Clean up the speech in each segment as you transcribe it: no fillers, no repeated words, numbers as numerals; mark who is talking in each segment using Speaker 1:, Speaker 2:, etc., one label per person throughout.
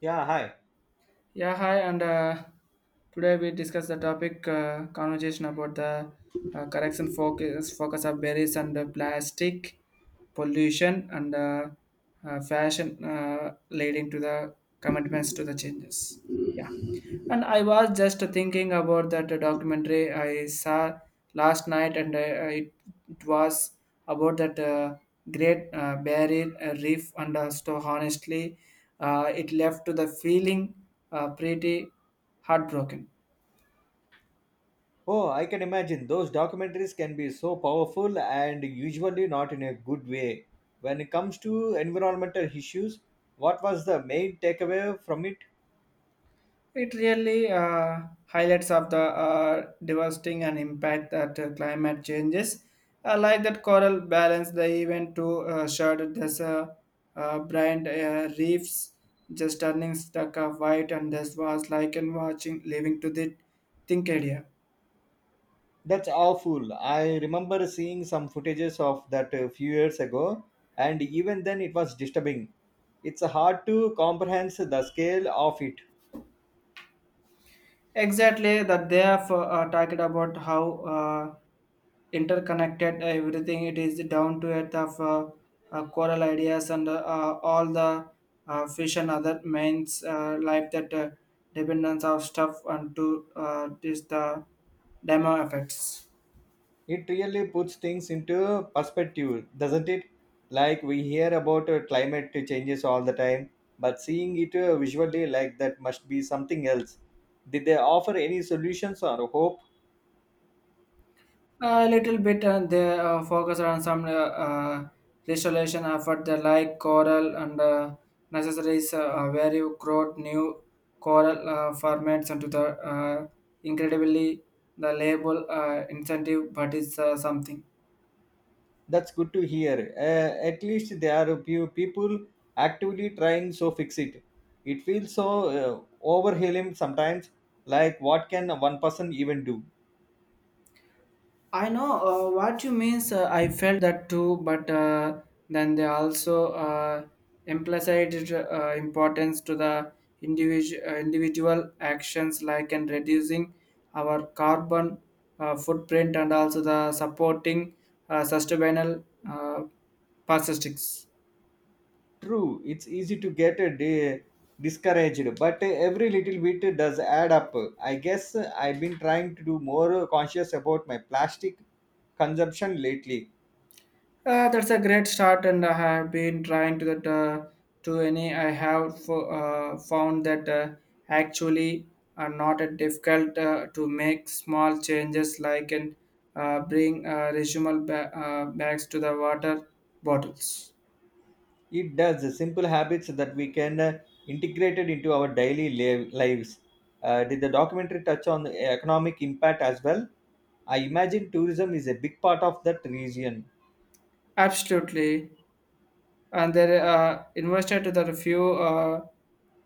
Speaker 1: Yeah, hi.
Speaker 2: Yeah, hi, and today we discuss the topic conversation about the correction focus of berries and plastic pollution and fashion leading to the commitments to the changes. Yeah. Yeah. And I was just thinking about that documentary I saw last night, and it was about that great barrier reef. And honestly, it left to the feeling pretty heartbroken.
Speaker 1: Oh, I can imagine those documentaries can be so powerful and usually not in a good way. When it comes to environmental issues, what was the main takeaway from it?
Speaker 2: It really highlights of the devastating and impact that climate changes. I like that coral balance the event to shard this brand reefs just turning stuck of white, and this was like in watching living to the think area.
Speaker 1: That's awful. I remember seeing some footages of that a few years ago, and even then it was disturbing. It's hard to comprehend the scale of it.
Speaker 2: Exactly that they have talked about how interconnected everything it is down to it of coral ideas and all the fish and other mains life that dependence of stuff and to this the demo effects.
Speaker 1: It really puts things into perspective, doesn't it? Like we hear about climate changes all the time, but seeing it visually like that must be something else. Did they offer any solutions or hope?
Speaker 2: A little bit, and they focus on some restoration effort. They like coral and necessaries, where you grow new coral formats into the incredibly the label incentive, but it's something.
Speaker 1: That's good to hear. At least there are a few people actively trying so fix it. It feels so overwhelming sometimes. Like what can one person even do?
Speaker 2: I know what you mean, sir. I felt that too, but then they also implied importance to the individual actions, like and reducing our carbon footprint and also the supporting sustainable plastics.
Speaker 1: True, it's easy to get discouraged, but every little bit does add up. I guess I've been trying to do more conscious about my plastic consumption lately.
Speaker 2: That's a great start, and I have been trying to that to any. I have found that actually are not a difficult to make small changes, like and bring reusable bags to the water bottles.
Speaker 1: It does simple habits that we can integrate it into our daily lives. Did the documentary touch on the economic impact as well? I imagine tourism is a big part of that region.
Speaker 2: Absolutely, and they invested to that few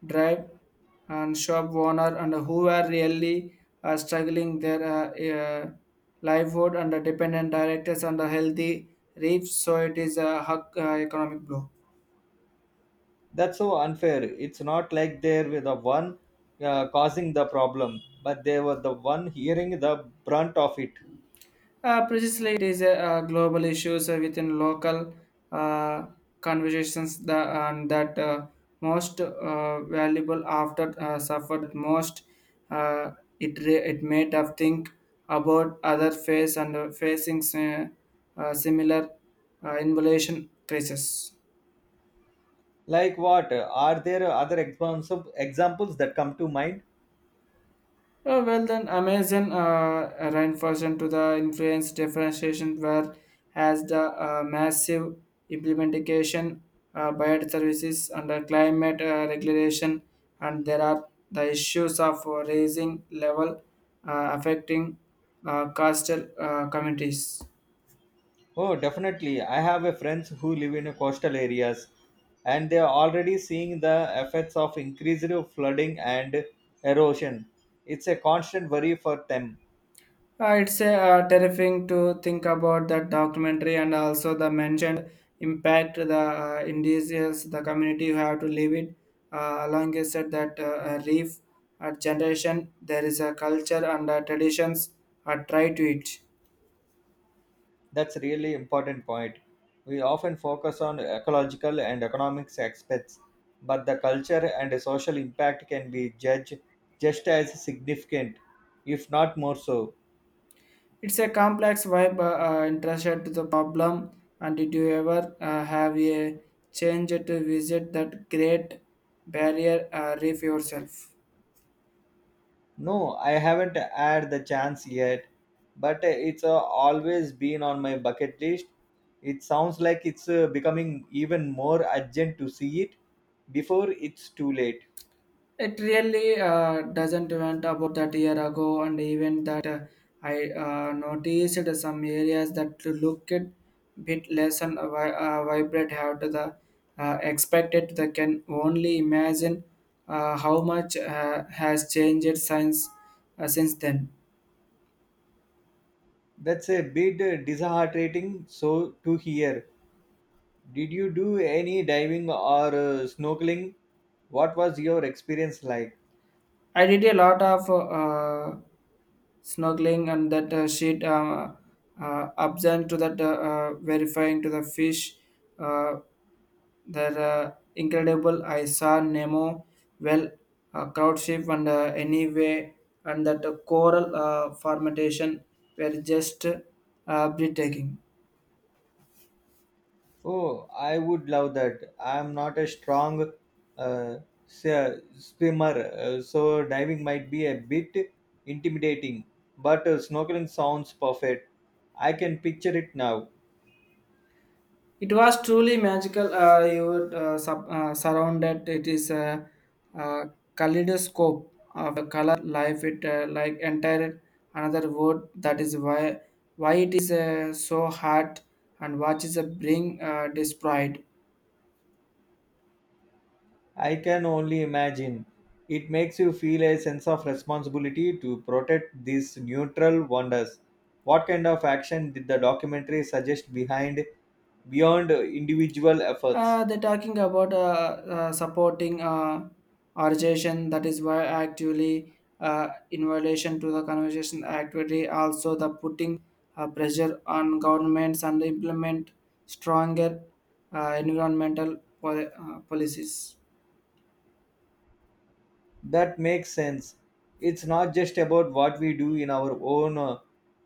Speaker 2: drive and shop owner and who were really struggling their uh, livelihood and the dependent directors and the healthy reefs, so it is a hug, economic blow.
Speaker 1: That's so unfair. It's not like they were the one causing the problem, but they were the one hearing the brunt of it.
Speaker 2: Precisely, it is a, global issues within local uh, conversations. The and that most valuable after suffered most. Uh, it made us think about other face and facing similar involution crisis.
Speaker 1: Like what, are there other examples that come to mind?
Speaker 2: Oh, well, then Amazon reinforcement to the influence differentiation where has the massive implementation biodiversity services under climate regulation, and there are the issues of raising level affecting coastal communities.
Speaker 1: Oh, definitely, I have a friends who live in coastal areas, and they are already seeing the effects of increased flooding and erosion. It's a constant worry for them.
Speaker 2: It's terrifying to think about that documentary, and also the mentioned impact the indigenous, the community who have to live it. Along is said that a reef generation, there is a culture and traditions are tied to it.
Speaker 1: That's really important point. We often focus on ecological and economics aspects, but the culture and social impact can be judged just as significant, if not more so.
Speaker 2: It's a complex vibe interested to the problem. And did you ever have a change to visit that great barrier reef yourself?
Speaker 1: No, I haven't had the chance yet, but it's always been on my bucket list. It sounds like it's becoming even more urgent to see it before it's too late.
Speaker 2: It really doesn't went about that year ago, and even that I noticed some areas that look a bit less and vibrant have to the expected. They can only imagine how much has changed since then.
Speaker 1: That's a bit disheartening so to hear. Did you do any diving or snorkeling? What was your experience like?
Speaker 2: I did a lot of snorkeling and that sheet observed to that verifying to the fish. Uh, They're incredible. I saw Nemo, well, crowd ship, and anyway, and that coral formation were just breathtaking.
Speaker 1: Oh, I would love that. I'm not a strong uh, swimmer, so diving might be a bit intimidating, but snorkeling sounds perfect. I can picture it now.
Speaker 2: It was truly magical. You were surrounded. It is a kaleidoscope of a color life. It like entire another world. That is why it is so hard and what is a bring destroyed.
Speaker 1: I can only imagine. It makes you feel a sense of responsibility to protect these neutral wonders. What kind of action did the documentary suggest behind beyond individual efforts?
Speaker 2: They're talking about supporting organization that is why actively in violation to the conversation activity, also the putting pressure on governments and implement stronger environmental policies.
Speaker 1: That makes sense. It's not just about what we do in our own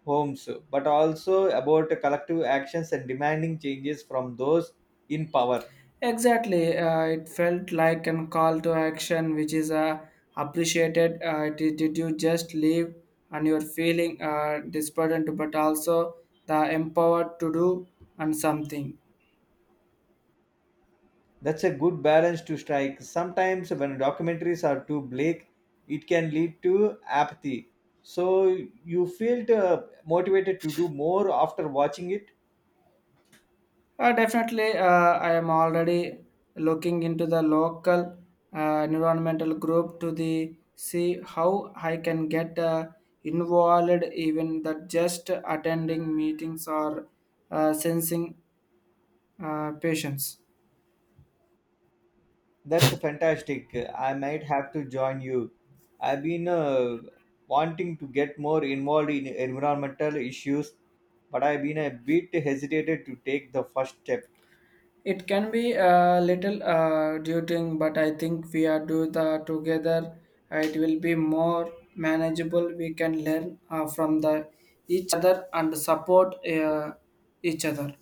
Speaker 1: homes, but also about collective actions and demanding changes from those in power.
Speaker 2: Exactly. It felt like an call to action, which is appreciated. Did you just leave and you're feeling disburdened, but also the empowered to do and something?
Speaker 1: That's a good balance to strike. Sometimes when documentaries are too bleak, it can lead to apathy. So you feel motivated to do more after watching it.
Speaker 2: Definitely, I am already looking into the local environmental group to the see how I can get involved, even that just attending meetings or sensing patients.
Speaker 1: That's fantastic. I might have to join you. I've been wanting to get more involved in environmental issues, but I've been a bit hesitated to take the first step.
Speaker 2: It can be a little daunting, but I think we are do the together. It will be more manageable. We can learn from the each other and support each other.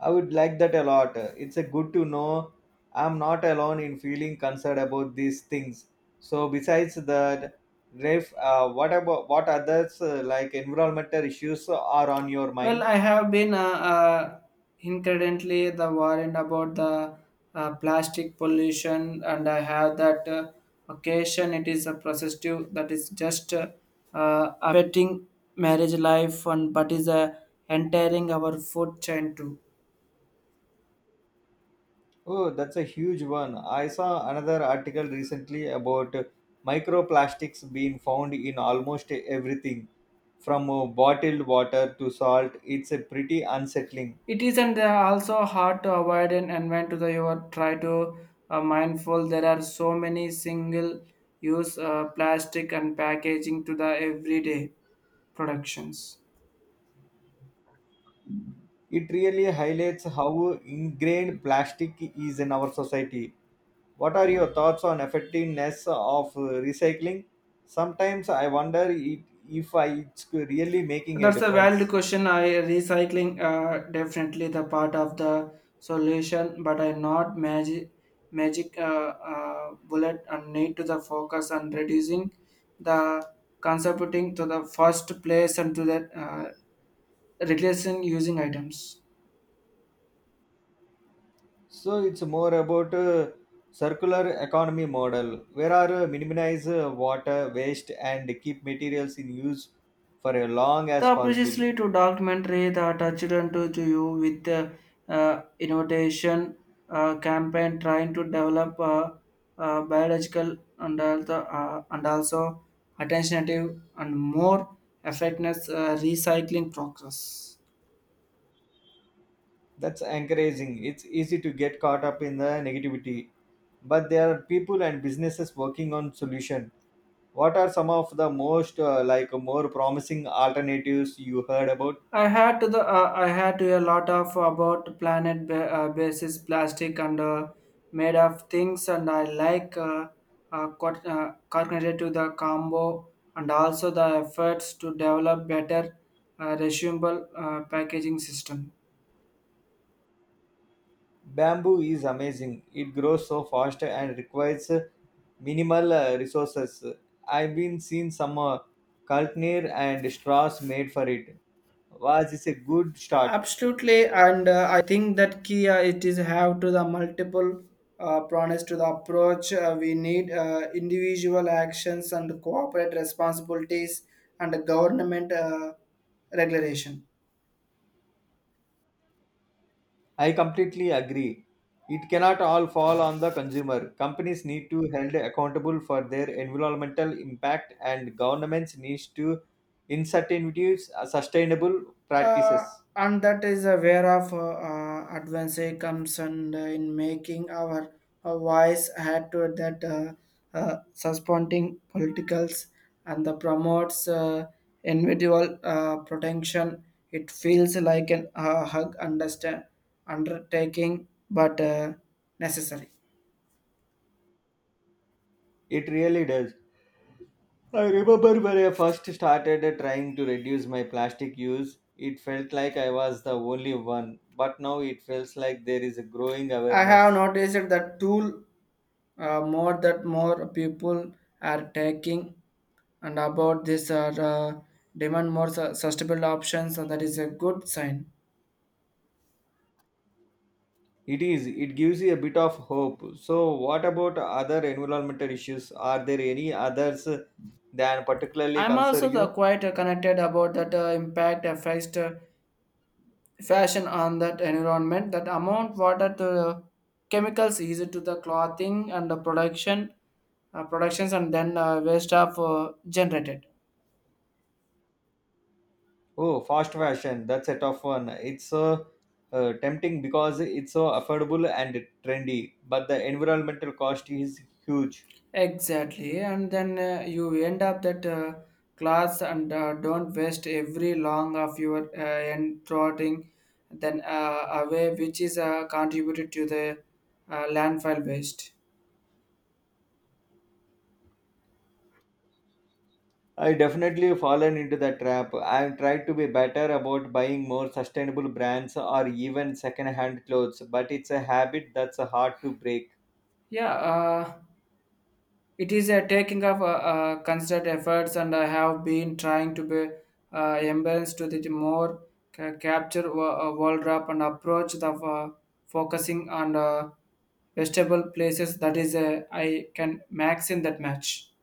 Speaker 1: I would like that a lot. It's a good to know I'm not alone in feeling concerned about these things. So besides that, Rafe, what about what others like environmental issues are on your
Speaker 2: Well,
Speaker 1: mind?
Speaker 2: I have been uh, incredibly the worried about the plastic pollution, and I have that occasion. It is a processive that is just affecting marriage life, and but is entering our food chain too.
Speaker 1: Oh, that's a huge one. I saw another article recently about microplastics being found in almost everything, from bottled water to salt. It's a pretty unsettling.
Speaker 2: It isn't also hard to avoid an environment to the you are try to mindful. There are so many single use plastic and packaging to the everyday productions.
Speaker 1: It really highlights how ingrained plastic is in our society. What are your thoughts on effectiveness of recycling? Sometimes I wonder it, if I, it's really making a
Speaker 2: That's a valid
Speaker 1: difference.
Speaker 2: question. I recycling definitely the part of the solution, but I not magic bullet and need to the focus on reducing the contributing to the first place and to the reducing using items.
Speaker 1: So it's more about circular economy model, where are minimize water waste and keep materials in use for as long as
Speaker 2: The
Speaker 1: possible.
Speaker 2: precisely to documentary that children to you with the innovation campaign trying to develop biological and also attentive and more effectiveness recycling process.
Speaker 1: That's encouraging. It's easy to get caught up in the negativity, but there are people and businesses working on solution. What are some of the most more promising alternatives you heard about?
Speaker 2: I had to a lot of about planet basis plastic and made of things and I like cognitive to the combo and also the efforts to develop better reusable packaging system.
Speaker 1: Bamboo is amazing. It grows so fast and requires minimal resources. I've been seeing some cultivar and straws made for it. Was is a good start.
Speaker 2: Absolutely, and I think that key it is have to the multiple prongs to the approach. We need individual actions and corporate responsibilities and government regulation.
Speaker 1: I completely agree. It cannot all fall on the consumer. Companies need to held accountable for their environmental impact and governments needs to incentivize sustainable
Speaker 2: Uh,
Speaker 1: practices.
Speaker 2: and that is aware of advance comes and in making our voice had to that suspending politicals and the promotes individual protection. It feels like an hug understand undertaking, but necessary.
Speaker 1: It really does. I remember when I first started trying to reduce my plastic use, it felt like I was the only one, but now it feels like there is a growing
Speaker 2: I have
Speaker 1: awareness.
Speaker 2: noticed that tool more people are taking and about this are demand more sustainable options, so that is a good sign.
Speaker 1: It is, it gives you a bit of hope. So, what about other environmental issues? Are there any others that particularly
Speaker 2: I'm also
Speaker 1: concern
Speaker 2: the
Speaker 1: you?
Speaker 2: quite connected about that impact affects fashion on that environment that amount water to chemicals used to the clothing and the production productions, and then waste of generated.
Speaker 1: Oh, fast fashion, that's a tough one. It's so tempting because it's so affordable and trendy, but the environmental cost is huge.
Speaker 2: Exactly, and then you end up that class and don't waste every long of your end trotting then away, which is contributed to the landfill waste.
Speaker 1: I definitely fallen into the trap. I've tried to be better about buying more sustainable brands or even second-hand clothes, but it's a habit that's hard to break.
Speaker 2: Yeah, it is a taking of considered efforts, and I have been trying to be embraced to the more capture world wrap and approach the focusing on vegetable places. That is, I can max in that match.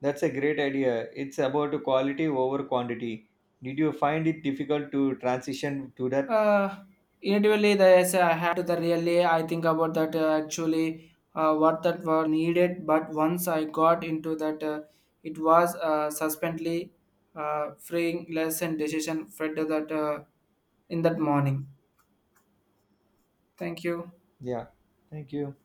Speaker 1: That's a great idea. It's about quality over quantity. Did you find it difficult to transition to that?
Speaker 2: Uh, Individually, yes, I had to the really. I think about that actually what that were needed. But once I got into that, it was suspendly freeing lesson decision. Fred that in that morning. Thank you.
Speaker 1: Yeah. Thank you.